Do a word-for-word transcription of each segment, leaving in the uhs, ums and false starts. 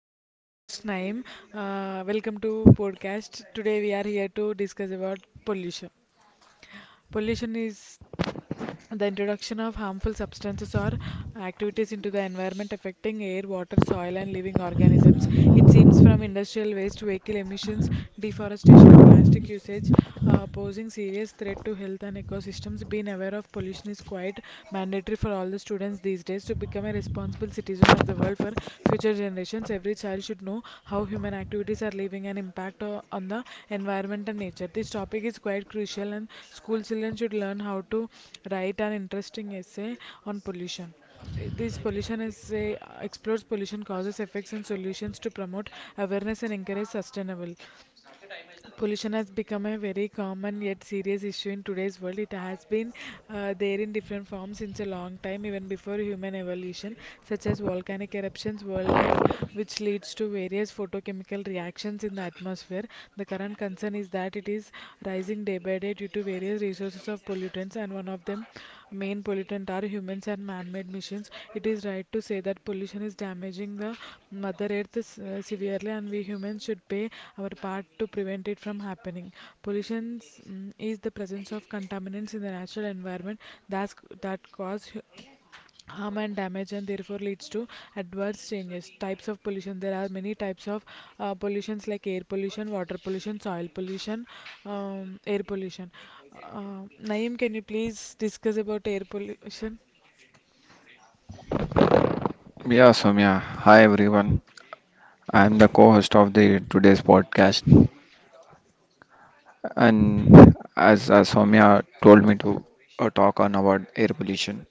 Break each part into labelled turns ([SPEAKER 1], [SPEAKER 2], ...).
[SPEAKER 1] and my co-host Naim. Uh, welcome to podcast. Today we are here to discuss about pollution. Pollution is the introduction of harmful substances or activities into the environment affecting air, water, soil and industrial waste, vehicle emissions, deforestation, serious threat to health and ecosystems. Being aware of pollution is quite mandatory for all the students these days to become a responsible citizen of the world. Future generations, every child should know how human activities are leaving an impact o- on the environment and nature. This topic is quite crucial, and school children should learn how to write an interesting essay on pollution. This pollution essay uh, explores pollution causes, effects, and solutions to promote awareness and encourage sustainable. Pollution has become a very common yet serious issue in today's world. It has been uh, there in different forms since a long time, even before human evolution, such as volcanic eruptions, wildlife, which leads to various photochemical reactions in the atmosphere. The current concern is that it is rising day by day due to various resources of pollutants, and one of them main pollutant are humans and man-made machines. It is right to say that pollution is damaging the Mother Earth uh, severely, and we humans should play our part to prevent it from happening. Pollution mm is the presence of contaminants in the natural environment that's, that cause hu- harm and damage and therefore leads to adverse changes. Types of pollution: there are many types of uh, pollutions like air pollution, water pollution, soil pollution, um, air pollution. uh, Naeem, can you please discuss about air pollution?
[SPEAKER 2] Yeah, Soumya. Hi, everyone. I'm the co-host of the today's podcast, and as uh, Soumya told me to uh, talk on about air pollution.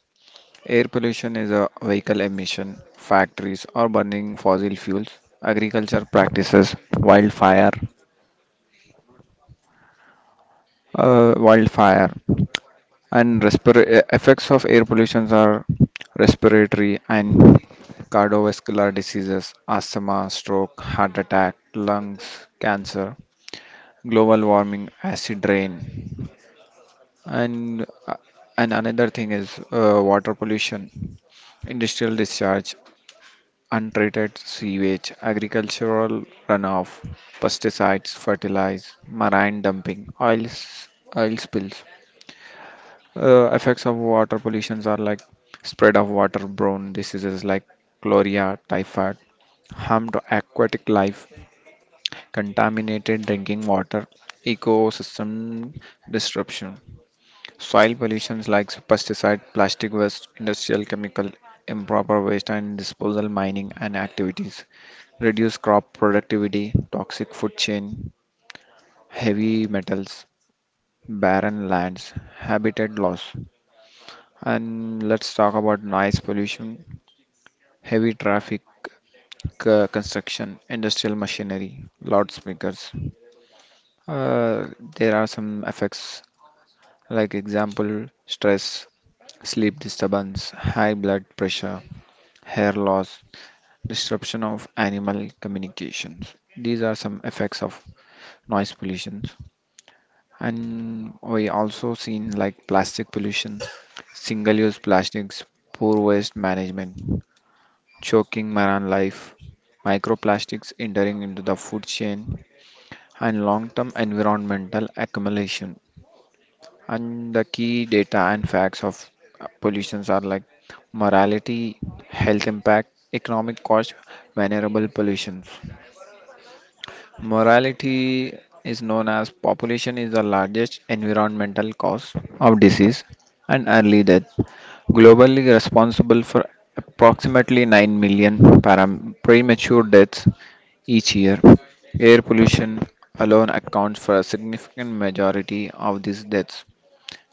[SPEAKER 2] Air pollution is a vehicle emission, factories or burning fossil fuels, agriculture practices, wildfire. Uh, wildfire and respir- effects of air pollution are respiratory and cardiovascular diseases, asthma, stroke, heart attack, lungs, cancer, global warming, acid rain, and uh, and another thing is uh, water pollution, industrial discharge, untreated sewage, agricultural runoff, pesticides, fertilizer, marine dumping, oils, oil spills. Uh, effects of water pollutions are like spread of waterborne diseases like cholera, typhoid, harm to aquatic life, contaminated drinking water, ecosystem disruption, soil pollutions like pesticide, plastic waste, industrial chemical, improper waste and disposal mining and activities, reduced crop productivity, toxic food chain, heavy metals, barren lands, habitat loss. And let's talk about noise pollution, heavy traffic, uh, construction, industrial machinery, loudspeakers. Uh, there are some effects like example stress, sleep disturbance, high blood pressure, hair loss, disruption of animal communications. These are some effects of noise pollution. And we also seen like plastic pollution, single-use plastics, poor waste management, choking marine life, microplastics entering into the food chain, and long term environmental accumulation. And the key data and facts of uh, pollutions are like morality, health impact, economic cost, vulnerable pollutions. Morality is known as population is the largest environmental cause of disease and early death, globally responsible for approximately nine million param- premature deaths each year. Air pollution alone accounts for a significant majority of these deaths.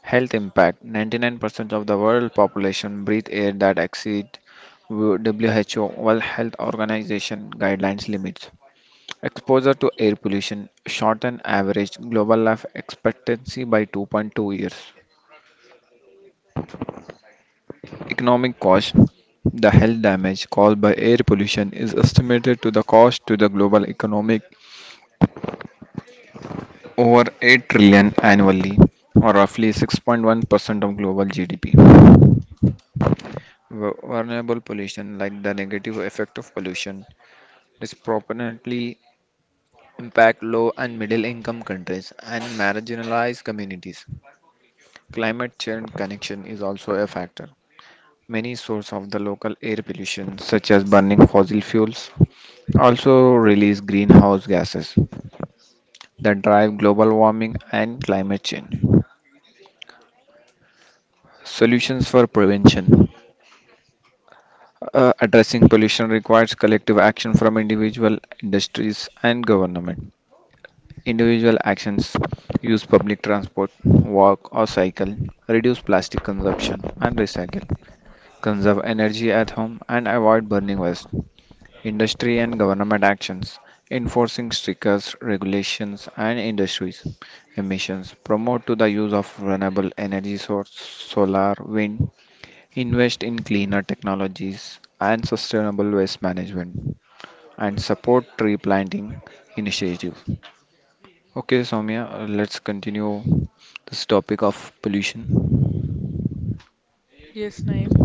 [SPEAKER 2] Health impact: ninety-nine percent of the world population breathe air that exceed W H O, World Health Organization, guidelines limits. Exposure to air pollution shortened average global life expectancy by two point two years. Economic cost: the health damage caused by air pollution is estimated to the cost to the global economic over eight trillion annually or roughly six point one percent of global G D P. Vu- Vulnerable pollution like the negative effect of pollution disproportionately impact low and middle income countries and marginalized communities. Climate change connection is also a factor. Many sources of the local air pollution, such as burning fossil fuels, also release greenhouse gases that drive global warming and climate change. Solutions for prevention. Uh, addressing pollution requires collective action from individual industries and government. Individual actions: use public transport, walk or cycle, reduce plastic consumption, and recycle, conserve energy at home, and avoid burning waste. Industry and government actions: enforcing stricter regulations and industries emissions, promote to the use of renewable energy source solar wind, invest in cleaner technologies and sustainable waste management, and support tree planting initiative. Okay, Soumya, uh, let's continue this topic of pollution.
[SPEAKER 1] Yes, Naeem.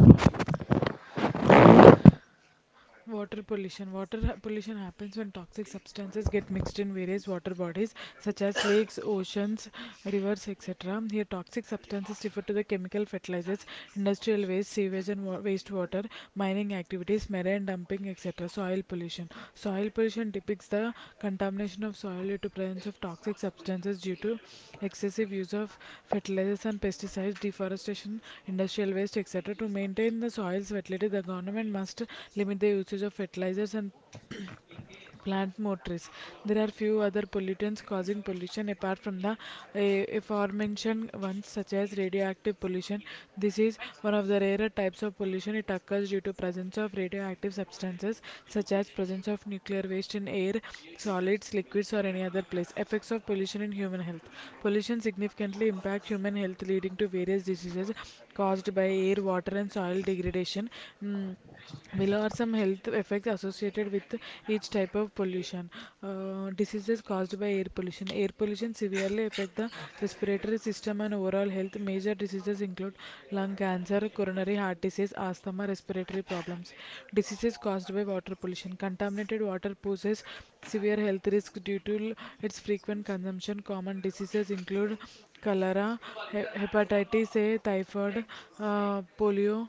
[SPEAKER 1] Water pollution. Water ha- pollution happens when toxic substances get mixed in various water bodies such as lakes, oceans, rivers, et cetera. Here, toxic substances refer to the chemical fertilizers, industrial waste, sewage and wa- wastewater, mining activities, marine dumping, et cetera. Soil soil pollution. Soil pollution depicts the contamination of soil due to presence of toxic substances due to excessive use of fertilizers and pesticides, deforestation, industrial waste, et cetera. To maintain the soil's fertility, the government must limit the usage of fertilizers and plant motors. There are few other pollutants causing pollution apart from the uh, aforementioned ones, such as radioactive pollution. This is one of the rarer types of pollution. It occurs due to presence of radioactive substances, such as presence of nuclear waste in air, solids, liquids, or any other place. Effects of pollution in human health. Pollution significantly impact human health, leading to various diseases caused by air, water, and soil degradation. Mm, Below are some health effects associated with each type of pollution. Uh, diseases caused by air pollution. Air pollution severely affect the respiratory system and overall health. Major diseases include lung cancer, coronary heart disease, asthma, respiratory problems. Diseases caused by water pollution. Contaminated water poses severe health risk due to l- its frequent consumption. Common diseases include cholera, he- hepatitis A, typhoid, uh, polio.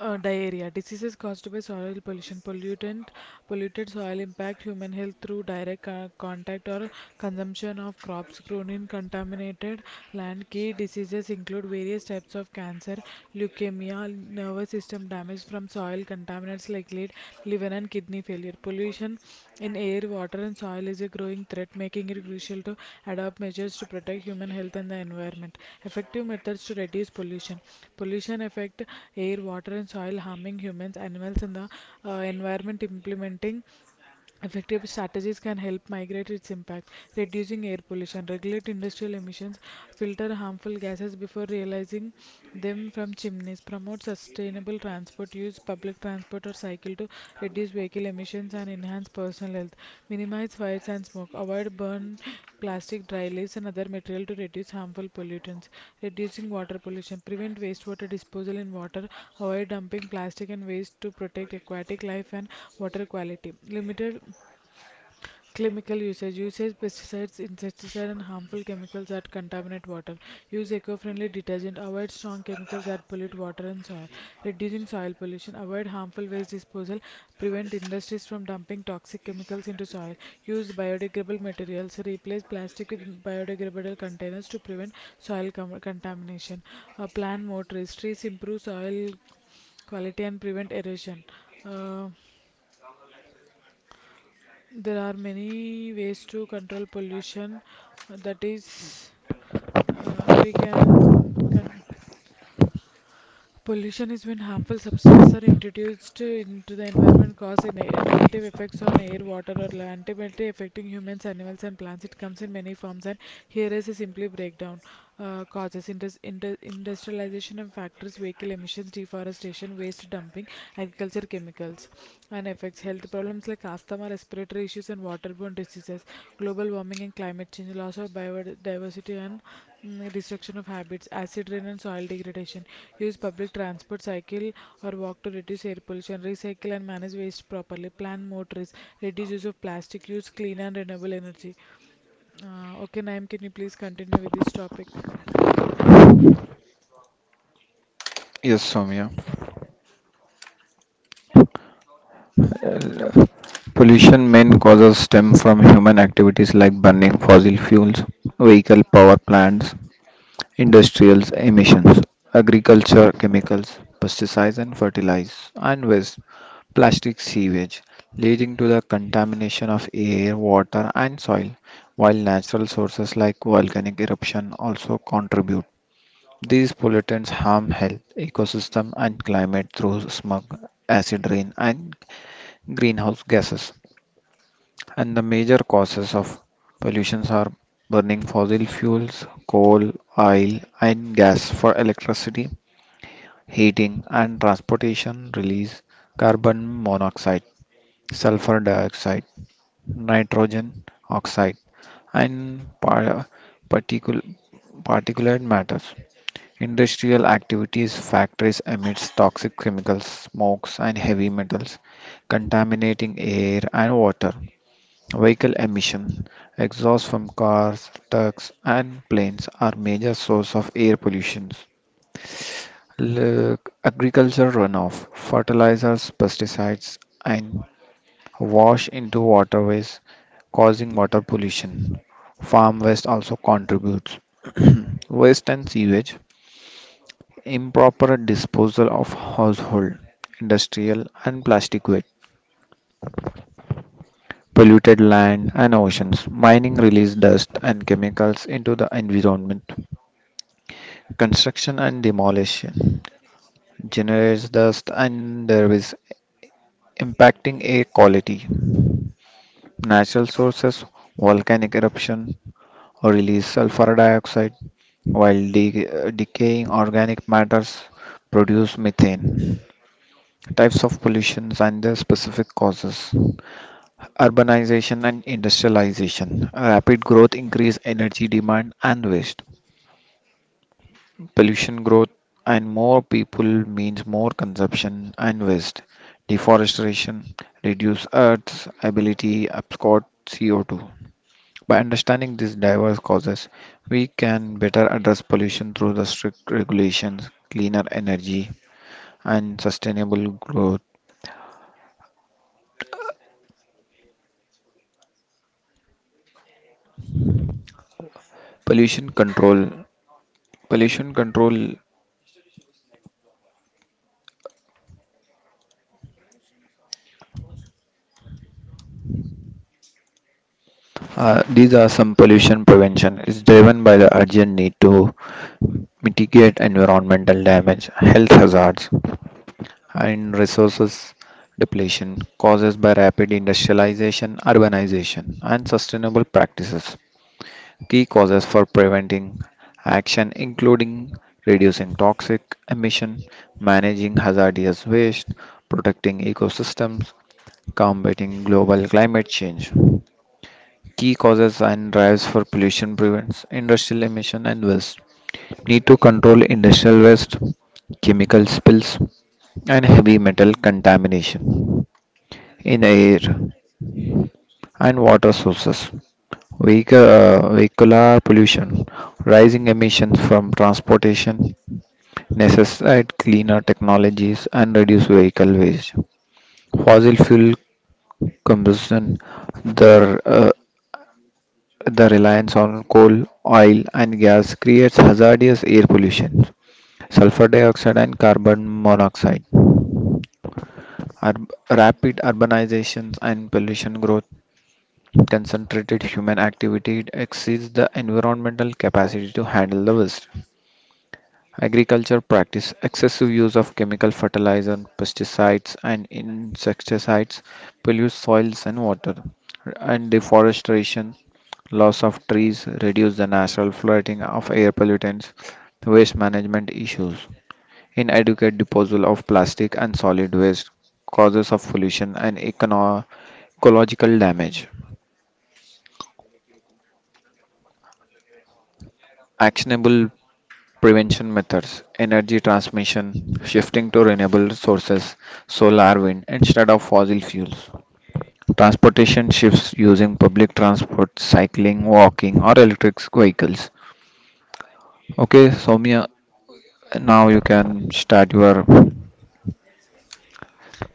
[SPEAKER 1] Uh, diarrhea. Diseases caused by soil pollution, pollutant, polluted soil impact human health through direct co- contact or consumption of crops grown in contaminated land. Key diseases include various types of cancer, leukemia, nervous system damage from soil contaminants like regulate liver and kidney failure. Pollution in air, water, and soil is a growing threat, making it crucial to adopt measures to protect human health and the environment. Effective methods to reduce pollution. Pollution affect air, water, and soil, harming humans, animals, and the uh, environment. Implementing effective strategies can help migrate its impact, reducing air pollution, regulate industrial emissions, filter harmful gases before realizing them from chimneys, promote sustainable transport, use public transport or cycle to reduce vehicle emissions and enhance personal health, minimize fires and smoke, avoid burn plastic, dry leaves, and other material to reduce harmful pollutants. Reducing water pollution. Prevent wastewater disposal in water. Avoid dumping plastic and waste to protect aquatic life and water quality. Limited chemical usage uses pesticides, insecticides, and harmful chemicals that contaminate water. Use eco friendly detergent. Avoid strong chemicals that pollute water and soil. Reducing soil pollution. Avoid harmful waste disposal. Prevent industries from dumping toxic chemicals into soil. Use biodegradable materials. Replace plastic with biodegradable containers to prevent soil com- contamination. Uh, plant more trees. Trees improve soil quality and prevent erosion. Uh, there are many ways to control pollution. uh, That is, uh, we can. Pollution is when harmful substances to- into the environment, water, or land, ultimately affecting humans, animals, and plants. It comes in many forms, and here is a simply breakdown. Uh, causes: indus- indu- industrialization and factories, vehicle emissions, deforestation, waste dumping, agriculture chemicals. And affects health problems like asthma, respiratory issues, and waterborne diseases, global warming and climate change, loss of biodiversity, and mm, destruction of habits, acid rain, and soil degradation. Use public transport, cycle, or walk to reduce air pollution, recycle and manage waste properly, plant more trees, reduce use of plastic, use clean and renewable energy. Uh, okay, Naim, can you please continue with this topic?
[SPEAKER 2] Yes, Soumya. Uh, Pollution main causes stem from human activities like burning fossil fuels, vehicle power plants, industrial emissions, agriculture chemicals, pesticides and fertilizers, and waste, plastic sewage, leading to the contamination of air, water and soil, while natural sources like volcanic eruption also contribute. These pollutants harm health, ecosystem and climate through smog, acid rain and greenhouse gases. And the major causes of pollutions are burning fossil fuels, coal, oil, and gas for electricity, heating, and transportation release carbon monoxide, sulfur dioxide, nitrogen oxide, and par- particul- particulate matters. Industrial activities, factories emits toxic chemicals, smokes, and heavy metals, contaminating air and water. Vehicle emission, exhaust from cars, trucks, and planes are major source of air pollution. Look, agriculture runoff, fertilizers, pesticides, and wash into waterways, causing water pollution. Farm waste also contributes. Waste and sewage, improper disposal of household, industrial, and plastic waste, polluted land and oceans, mining release dust and chemicals into the environment, construction and demolition generates dust and there is impacting air quality. Natural sources, volcanic eruption or release sulfur dioxide while de- decaying organic matters produce methane. Types of pollutions and their specific causes. Urbanization and industrialization. Rapid growth increase energy demand and waste. Pollution growth and more people means more consumption and waste. Deforestation reduce Earth's ability absorb C O two. By understanding these diverse causes, we can better address pollution through the strict regulations, cleaner energy, and sustainable growth. Pollution control. Pollution control. Uh, these are some pollution prevention. It's driven by the urgent need to mitigate environmental damage, health hazards, and resources depletion causes by rapid industrialization, urbanization, and sustainable practices. Key causes for preventing action including reducing toxic emission, managing hazardous waste, protecting ecosystems, combating global climate change. Key causes and drives for pollution prevents industrial emission and waste. Need to control industrial waste, chemical spills, and heavy metal contamination in air and water sources. Vehicle, uh, vehicular pollution, rising emissions from transportation, necessitate cleaner technologies, and reduce vehicle waste. Fossil fuel combustion, the uh, the reliance on coal, oil, and gas creates hazardous air pollution. Sulfur dioxide and carbon monoxide. Urb- rapid urbanizations and pollution growth. Concentrated human activity exceeds the environmental capacity to handle the waste. Agriculture practice excessive use of chemical fertilizer, pesticides, and insecticides pollute soils and water, and deforestation, loss of trees, reduce the natural flooding of air pollutants, waste management issues, inadequate disposal of plastic and solid waste, causes of pollution and econo- ecological damage. Actionable prevention methods: energy transmission, shifting to renewable sources, solar, wind, instead of fossil fuels. Transportation shifts using public transport, cycling, walking, or electric vehicles. Okay, Soumya, now you can start your.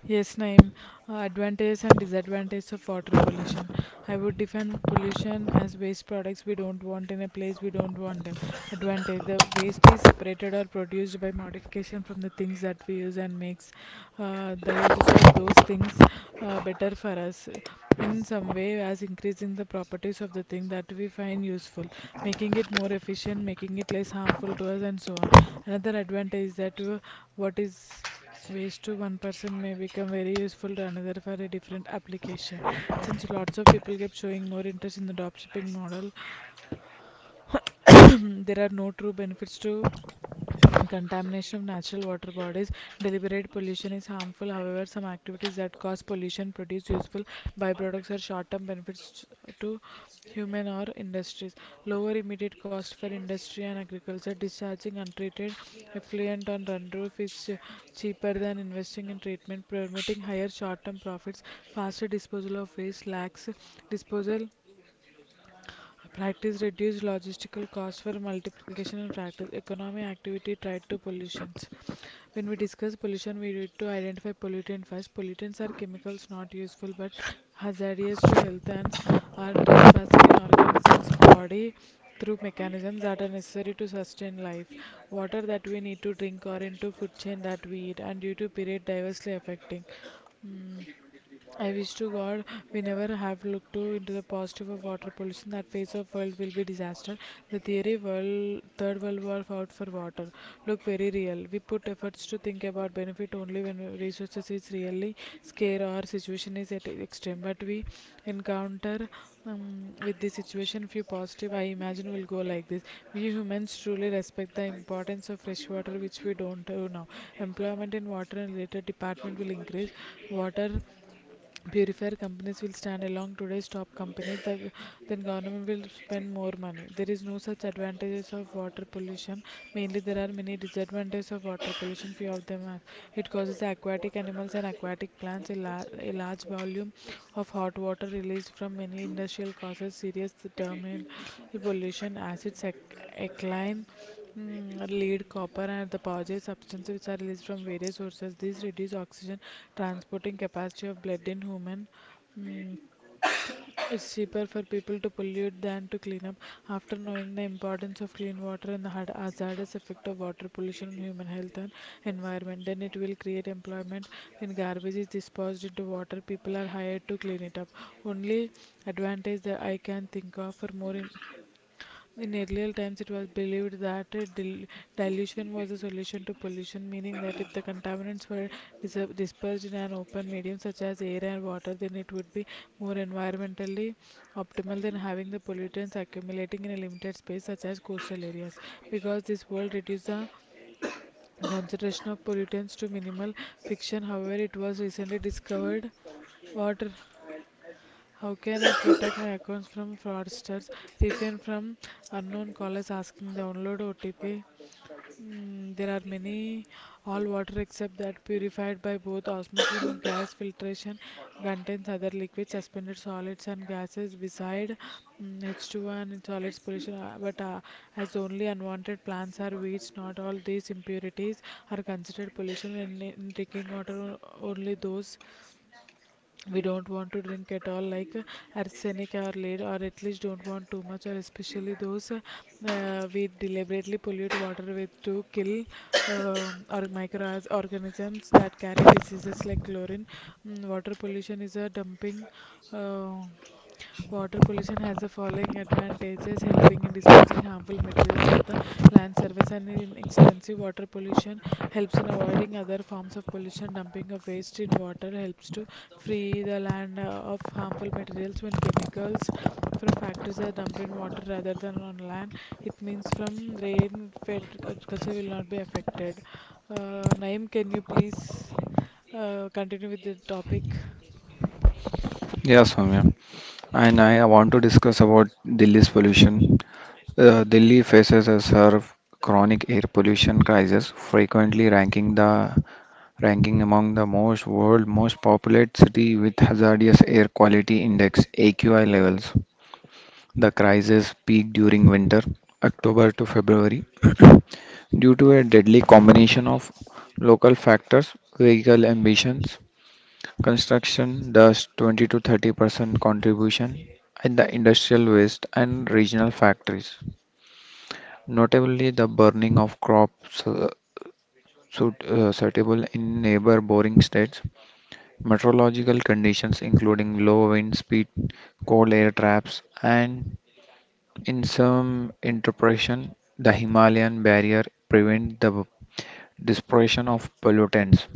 [SPEAKER 1] Yes, Naeem. Uh, advantages and disadvantages of water pollution. I would define pollution as waste products we don't want in a place we don't want. Advantage: the waste is separate, produced by modification from the things that we use and makes uh, the uses of for us in some way as increasing the properties of the thing that we find useful, making it more efficient, making it less harmful to us, and so on. Advantage is that uh, what is waste to one person may become very useful to another for a different application. Showing more interest in the dropshipping model, there are no true benefits to contamination of natural water bodies. Deliberate pollution is harmful, however, some activities that cause pollution produce useful byproducts or short term benefits to human or industries. Lower immediate cost for industry and agriculture. Discharging untreated effluent on run roof is ch- cheaper than investing in treatment, permitting higher short term profits. Faster disposal of waste lacks disposal practice reduced logistical costs for multiplication and practice economic activity tied to pollutions. When we discuss pollution, we need to identify pollutant first. Pollutants are chemicals not useful but hazardous to health organisms' body through mechanisms that are necessary to sustain life. Water that we need to drink or into food chain that we eat and due to period diversely affecting. Mm. I wish to God we never have looked to into the positive of water pollution. That face of world will be disaster. The theory world third world war fought for water look very real. We put efforts to think about benefit only when resources is really scare or situation is at extreme. But we encounter um, with this situation few positive. I imagine will go like this. We humans truly respect the importance of fresh water, which we don't do now. Employment in water and related department will increase. Water purifier companies will stand along today's top companies the, then government will spend more money. There is no such advantages of water pollution, mainly there are many disadvantages of water pollution, few of them are it causes aquatic animals and aquatic plants a, la- a large volume of hot water released from many industrial causes serious terminal pollution acids ec- alkaline. Mm, lead, copper, and the positive substances which are released from various sources. These reduce oxygen transporting capacity of blood in human. Mm, it's cheaper for people to pollute than to clean up. After knowing the importance of clean water and the hard- hazardous effect of water pollution on human health and environment, then it will create employment. When garbage is disposed into water, people are hired to clean it up. Only advantage that I can think of for more. In- in earlier times, it was believed that uh, dil- dilution was the solution to pollution, meaning that if the contaminants were dis- dispersed in an open medium such as air and water, then it would be more environmentally optimal than having the pollutants accumulating in a limited space such as coastal areas. Because this world reduced the concentration of pollutants to minimal fiction, however, it was recently discovered water. How can I protect my accounts from fraudsters? Refrain from unknown callers asking download O T P. Mm, there are many all water except that purified by both osmosis and gas filtration contains other liquids, suspended solids and gases beside mm, h 20 n and solids pollution. uh, But uh, as only unwanted plants are weeds, not all these impurities are considered pollution when in drinking water o- only those we don't want to drink at all like uh, arsenic or lead or at least don't want too much or especially those uh, uh, we deliberately pollute water with to kill uh, or microorganisms that carry diseases like chlorine. Mm, water pollution is a dumping. uh, Water pollution pollution and avoidance of pollution in water helps to free the land uh, of harmful, it means from rain culture will not. uh, Naim, can you please Uh, continue with the topic?
[SPEAKER 2] Yeah, Soumya. And I want to discuss about Delhi's pollution. Uh, Delhi faces a severe chronic air pollution crisis, frequently ranking the ranking among the most world most populated city with hazardous air quality index A Q I levels. The crisis peaked during winter, October to February, due to a deadly combination of local factors, vehicle emissions, construction dust twenty to thirty percent contribution, and the industrial waste and regional factories, notably the burning of crops, uh, suit, uh, suitable in neighbor boring states. Meteorological conditions including low wind speed, cold air traps, and in some interpretation, the Himalayan barrier prevent the dispersion of pollutants,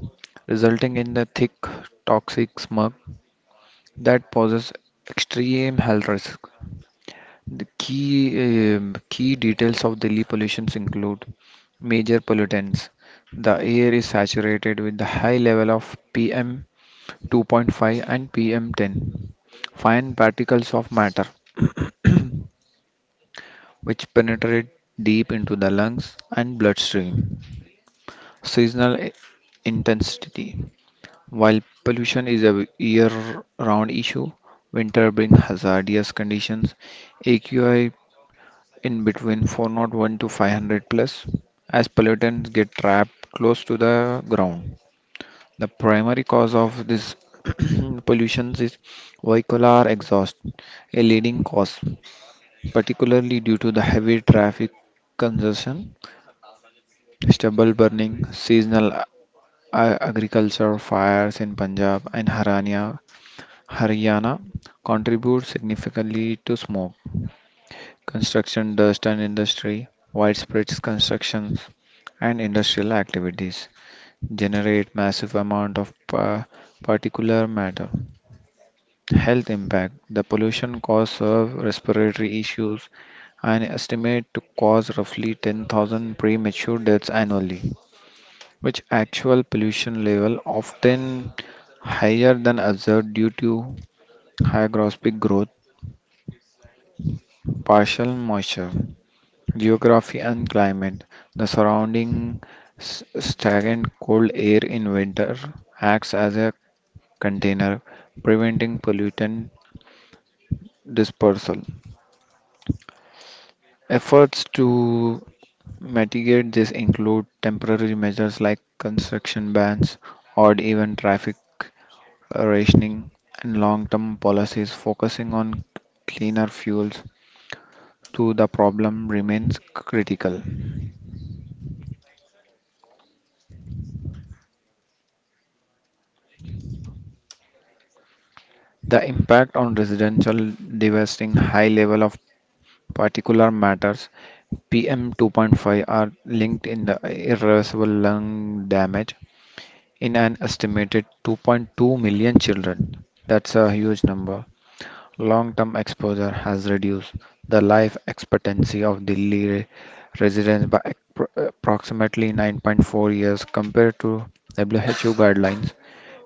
[SPEAKER 2] resulting in the thick toxic smog that poses extreme health risk. The key um, key details of Delhi pollutions include major pollutants. The air is saturated with the high level of P M two point five and P M ten, fine particles of matter, which penetrate deep into the lungs and bloodstream, seasonal i- intensity. While pollution is a year round issue, winter brings hazardous conditions. A Q I in between four zero one to five hundred plus as pollutants get trapped close to the ground. The primary cause of this pollution is vehicular exhaust, a leading cause, particularly due to the heavy traffic congestion. Stubble burning, seasonal a- agriculture fires in Punjab and Harania, Haryana contribute significantly to smoke. Construction dust and industry, widespread constructions and industrial activities generate massive amount of pa- particulate matter. Health impact. The pollution causes respiratory issues and estimate to cause roughly ten thousand premature deaths annually which actual pollution level often higher than observed due to hygroscopic growth, partial moisture, geography and climate. The surrounding s- stagnant cold air in winter acts as a container, preventing pollutant dispersal. Efforts to mitigate this include temporary measures like construction bans or even traffic rationing, and long term policies focusing on cleaner fuels to the problem remains critical. The impact on residential devastating high level of particular matters P M two point five are linked in the irreversible lung damage in an estimated two point two million children. That's a huge number. Long term exposure has reduced the life expectancy of Delhi re- residents by appro- approximately nine point four years compared to W H O guidelines.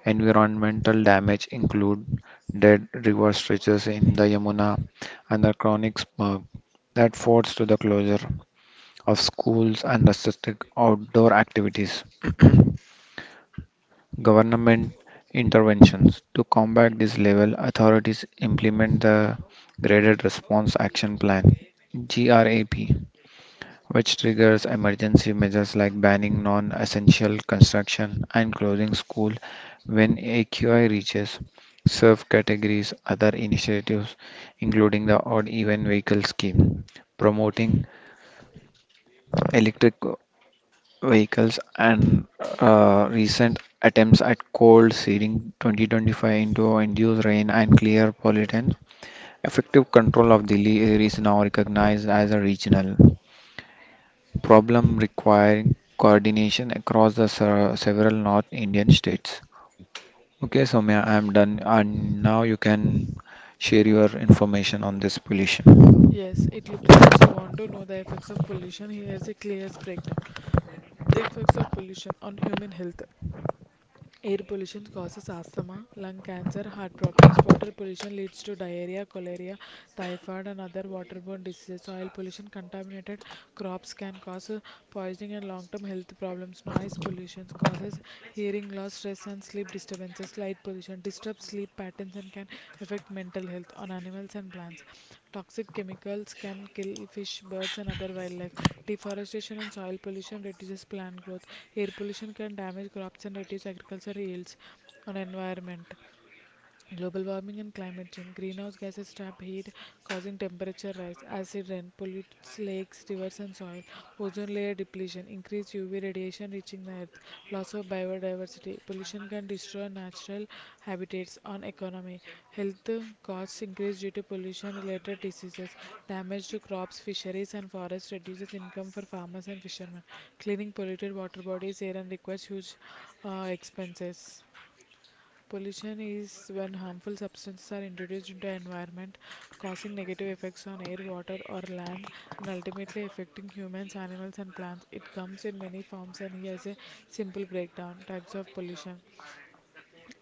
[SPEAKER 2] Environmental damage include dead river stretches in the Yamuna and the chronic smog that forced to the closure of schools and restricted outdoor activities. Government interventions. To combat this level, authorities implement the Graded Response Action Plan (GRAP), which triggers emergency measures like banning non essential construction and closing school when A Q I reaches served categories. Other initiatives including the odd even vehicle scheme, promoting electric vehicles and uh, recent attempts at cold seeding twenty twenty-five into induced rain and clear pollutants, effective control of Delhi air is now recognized as a regional problem requiring coordination across the se- several North Indian states. Okay, Soumya, I'm done, and now you can share your information on this pollution.
[SPEAKER 1] Yes, here's it. Air pollution causes asthma, lung cancer, heart problems. Water pollution leads to diarrhea, cholera, typhoid, and other waterborne diseases. Soil pollution, contaminated crops can cause uh, poisoning and long term health problems. Noise pollution causes hearing loss, stress, and sleep disturbances. Light pollution disturbs sleep patterns and can affect mental health on animals and plants. Toxic chemicals can kill fish, birds, and other wildlife. Deforestation and soil pollution reduces plant growth. Air pollution can damage crops and reduce agricultural yields on environment, global warming and climate change, greenhouse gases trap heat causing temperature rise, acid rain pollutes lakes, rivers and soil, ozone layer depletion, increased UV radiation reaching the earth, loss of biodiversity, pollution can destroy natural habitats on economy, health costs increase due to pollution related diseases, damage to crops, fisheries and forests reduces income for farmers and fishermen, cleaning polluted water bodies air and requires huge uh, expenses. Pollution is when harmful substances are introduced into environment, causing negative effects on air, water, or land, and ultimately affecting humans, animals, and plants. It comes in many forms, and here's a simple breakdown: types of pollution.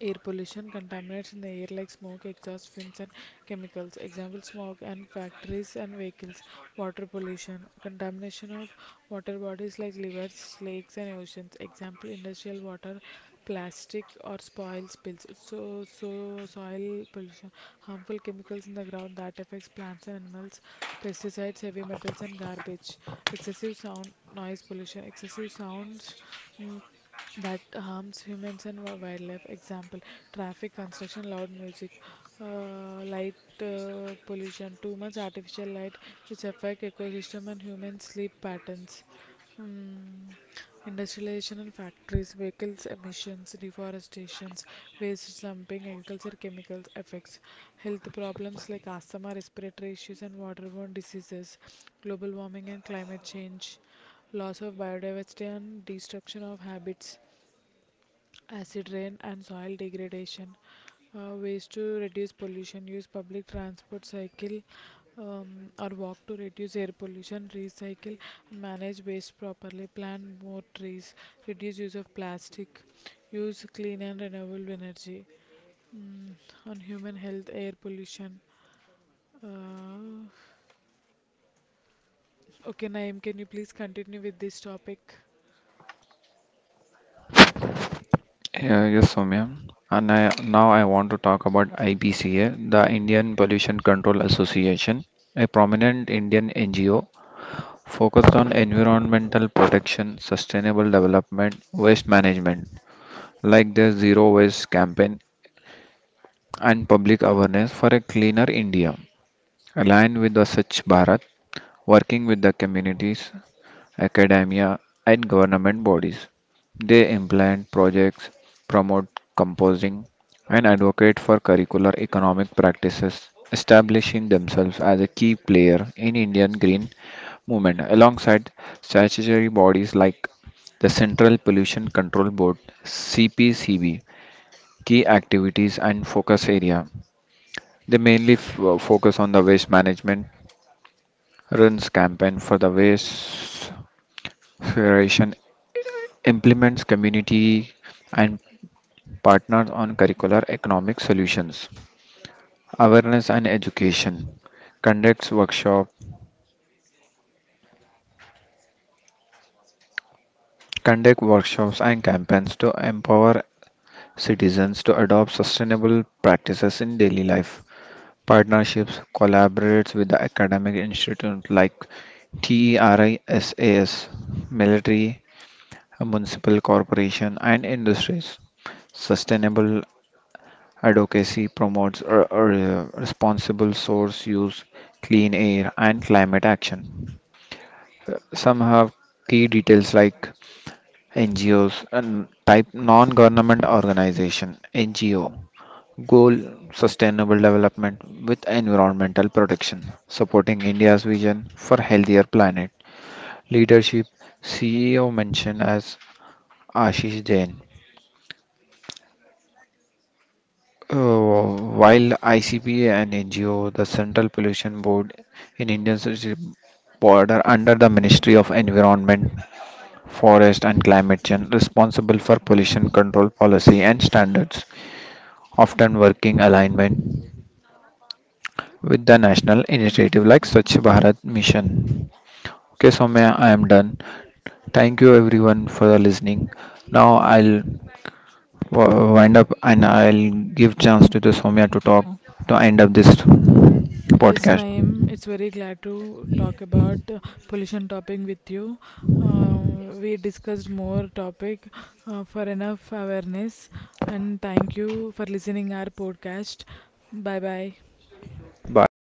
[SPEAKER 1] Air pollution: contaminants in the air like smoke, exhaust fumes, and chemicals. Example: smog and factories and vehicles. Water pollution: contamination of water bodies like rivers, lakes, and oceans. Example: industrial water, plastic, or spoil spills. So, so soil pollution, harmful chemicals in the ground that affects plants and animals. Pesticides, heavy metals, and garbage. Excessive sound noise pollution. Excessive sounds mm, that harms humans and wi- wildlife. Example: traffic, construction, loud music, uh, light uh, pollution, too much artificial light, which affect ecosystem and human sleep patterns. Mm, Industrialization and factories, vehicles emissions, deforestations, waste dumping, agriculture chemicals effects, health problems like asthma, respiratory issues, and waterborne diseases, global warming and climate change, loss of biodiversity and destruction of habits, acid rain and soil degradation. Uh, ways to reduce pollution: use public transport, cycle um, or walk to reduce air pollution, recycle, manage waste properly, plant more trees, reduce use of plastic, use clean and renewable energy. Mm, on human health, air pollution. Uh, okay, Naeem, can you please continue with this topic?
[SPEAKER 2] Yeah, yes, Soumya. And I, now I want to talk about I P C A, the Indian Pollution Control Association, a prominent Indian N G O focused on environmental protection, sustainable development, waste management, like the Zero Waste campaign and public awareness for a cleaner India. Aligned with the Swachh Bharat, working with the communities academia, and government bodies. They implement projects, promote composing, and advocate for curricular economic practices, establishing themselves as a key player in Indian green movement alongside statutory bodies like the Central Pollution Control Board, C P C B. Key activities and focus area. They mainly f- focus on the waste management, Run's campaign for the Waste Federation implements community and partners on curricular economic solutions, awareness and education, conducts workshop, conduct workshops and campaigns to empower citizens to adopt sustainable practices in daily life. Partnerships collaborates with the academic institute like TERISAS, military municipal corporation and industries. Sustainable advocacy promotes a, a responsible source use, clean air, and climate action. Some have key details like N G Os and type: non-government organization, N G O. Goal: sustainable development with environmental protection supporting India's vision for healthier planet. Leadership: C E O mentioned as Ashish Jain. Uh, while I C P and N G O, the Central Pollution Board in Indian Society border under the Ministry of Environment, Forest and Climate Change, responsible for pollution control policy and standards, often working alignment with the national initiative like Swachh Bharat Mission. Okay, Soumya, I am done. Thank you everyone for the listening. Now I'll w- wind up and I'll give chance to the Soumya to talk to end up this
[SPEAKER 1] Yes,
[SPEAKER 2] podcast.
[SPEAKER 1] Naeem, glad to talk pollution topic with you. Uh, discussed more topic uh, for enough awareness, and thank you for listening our podcast. Bye bye.
[SPEAKER 2] Bye.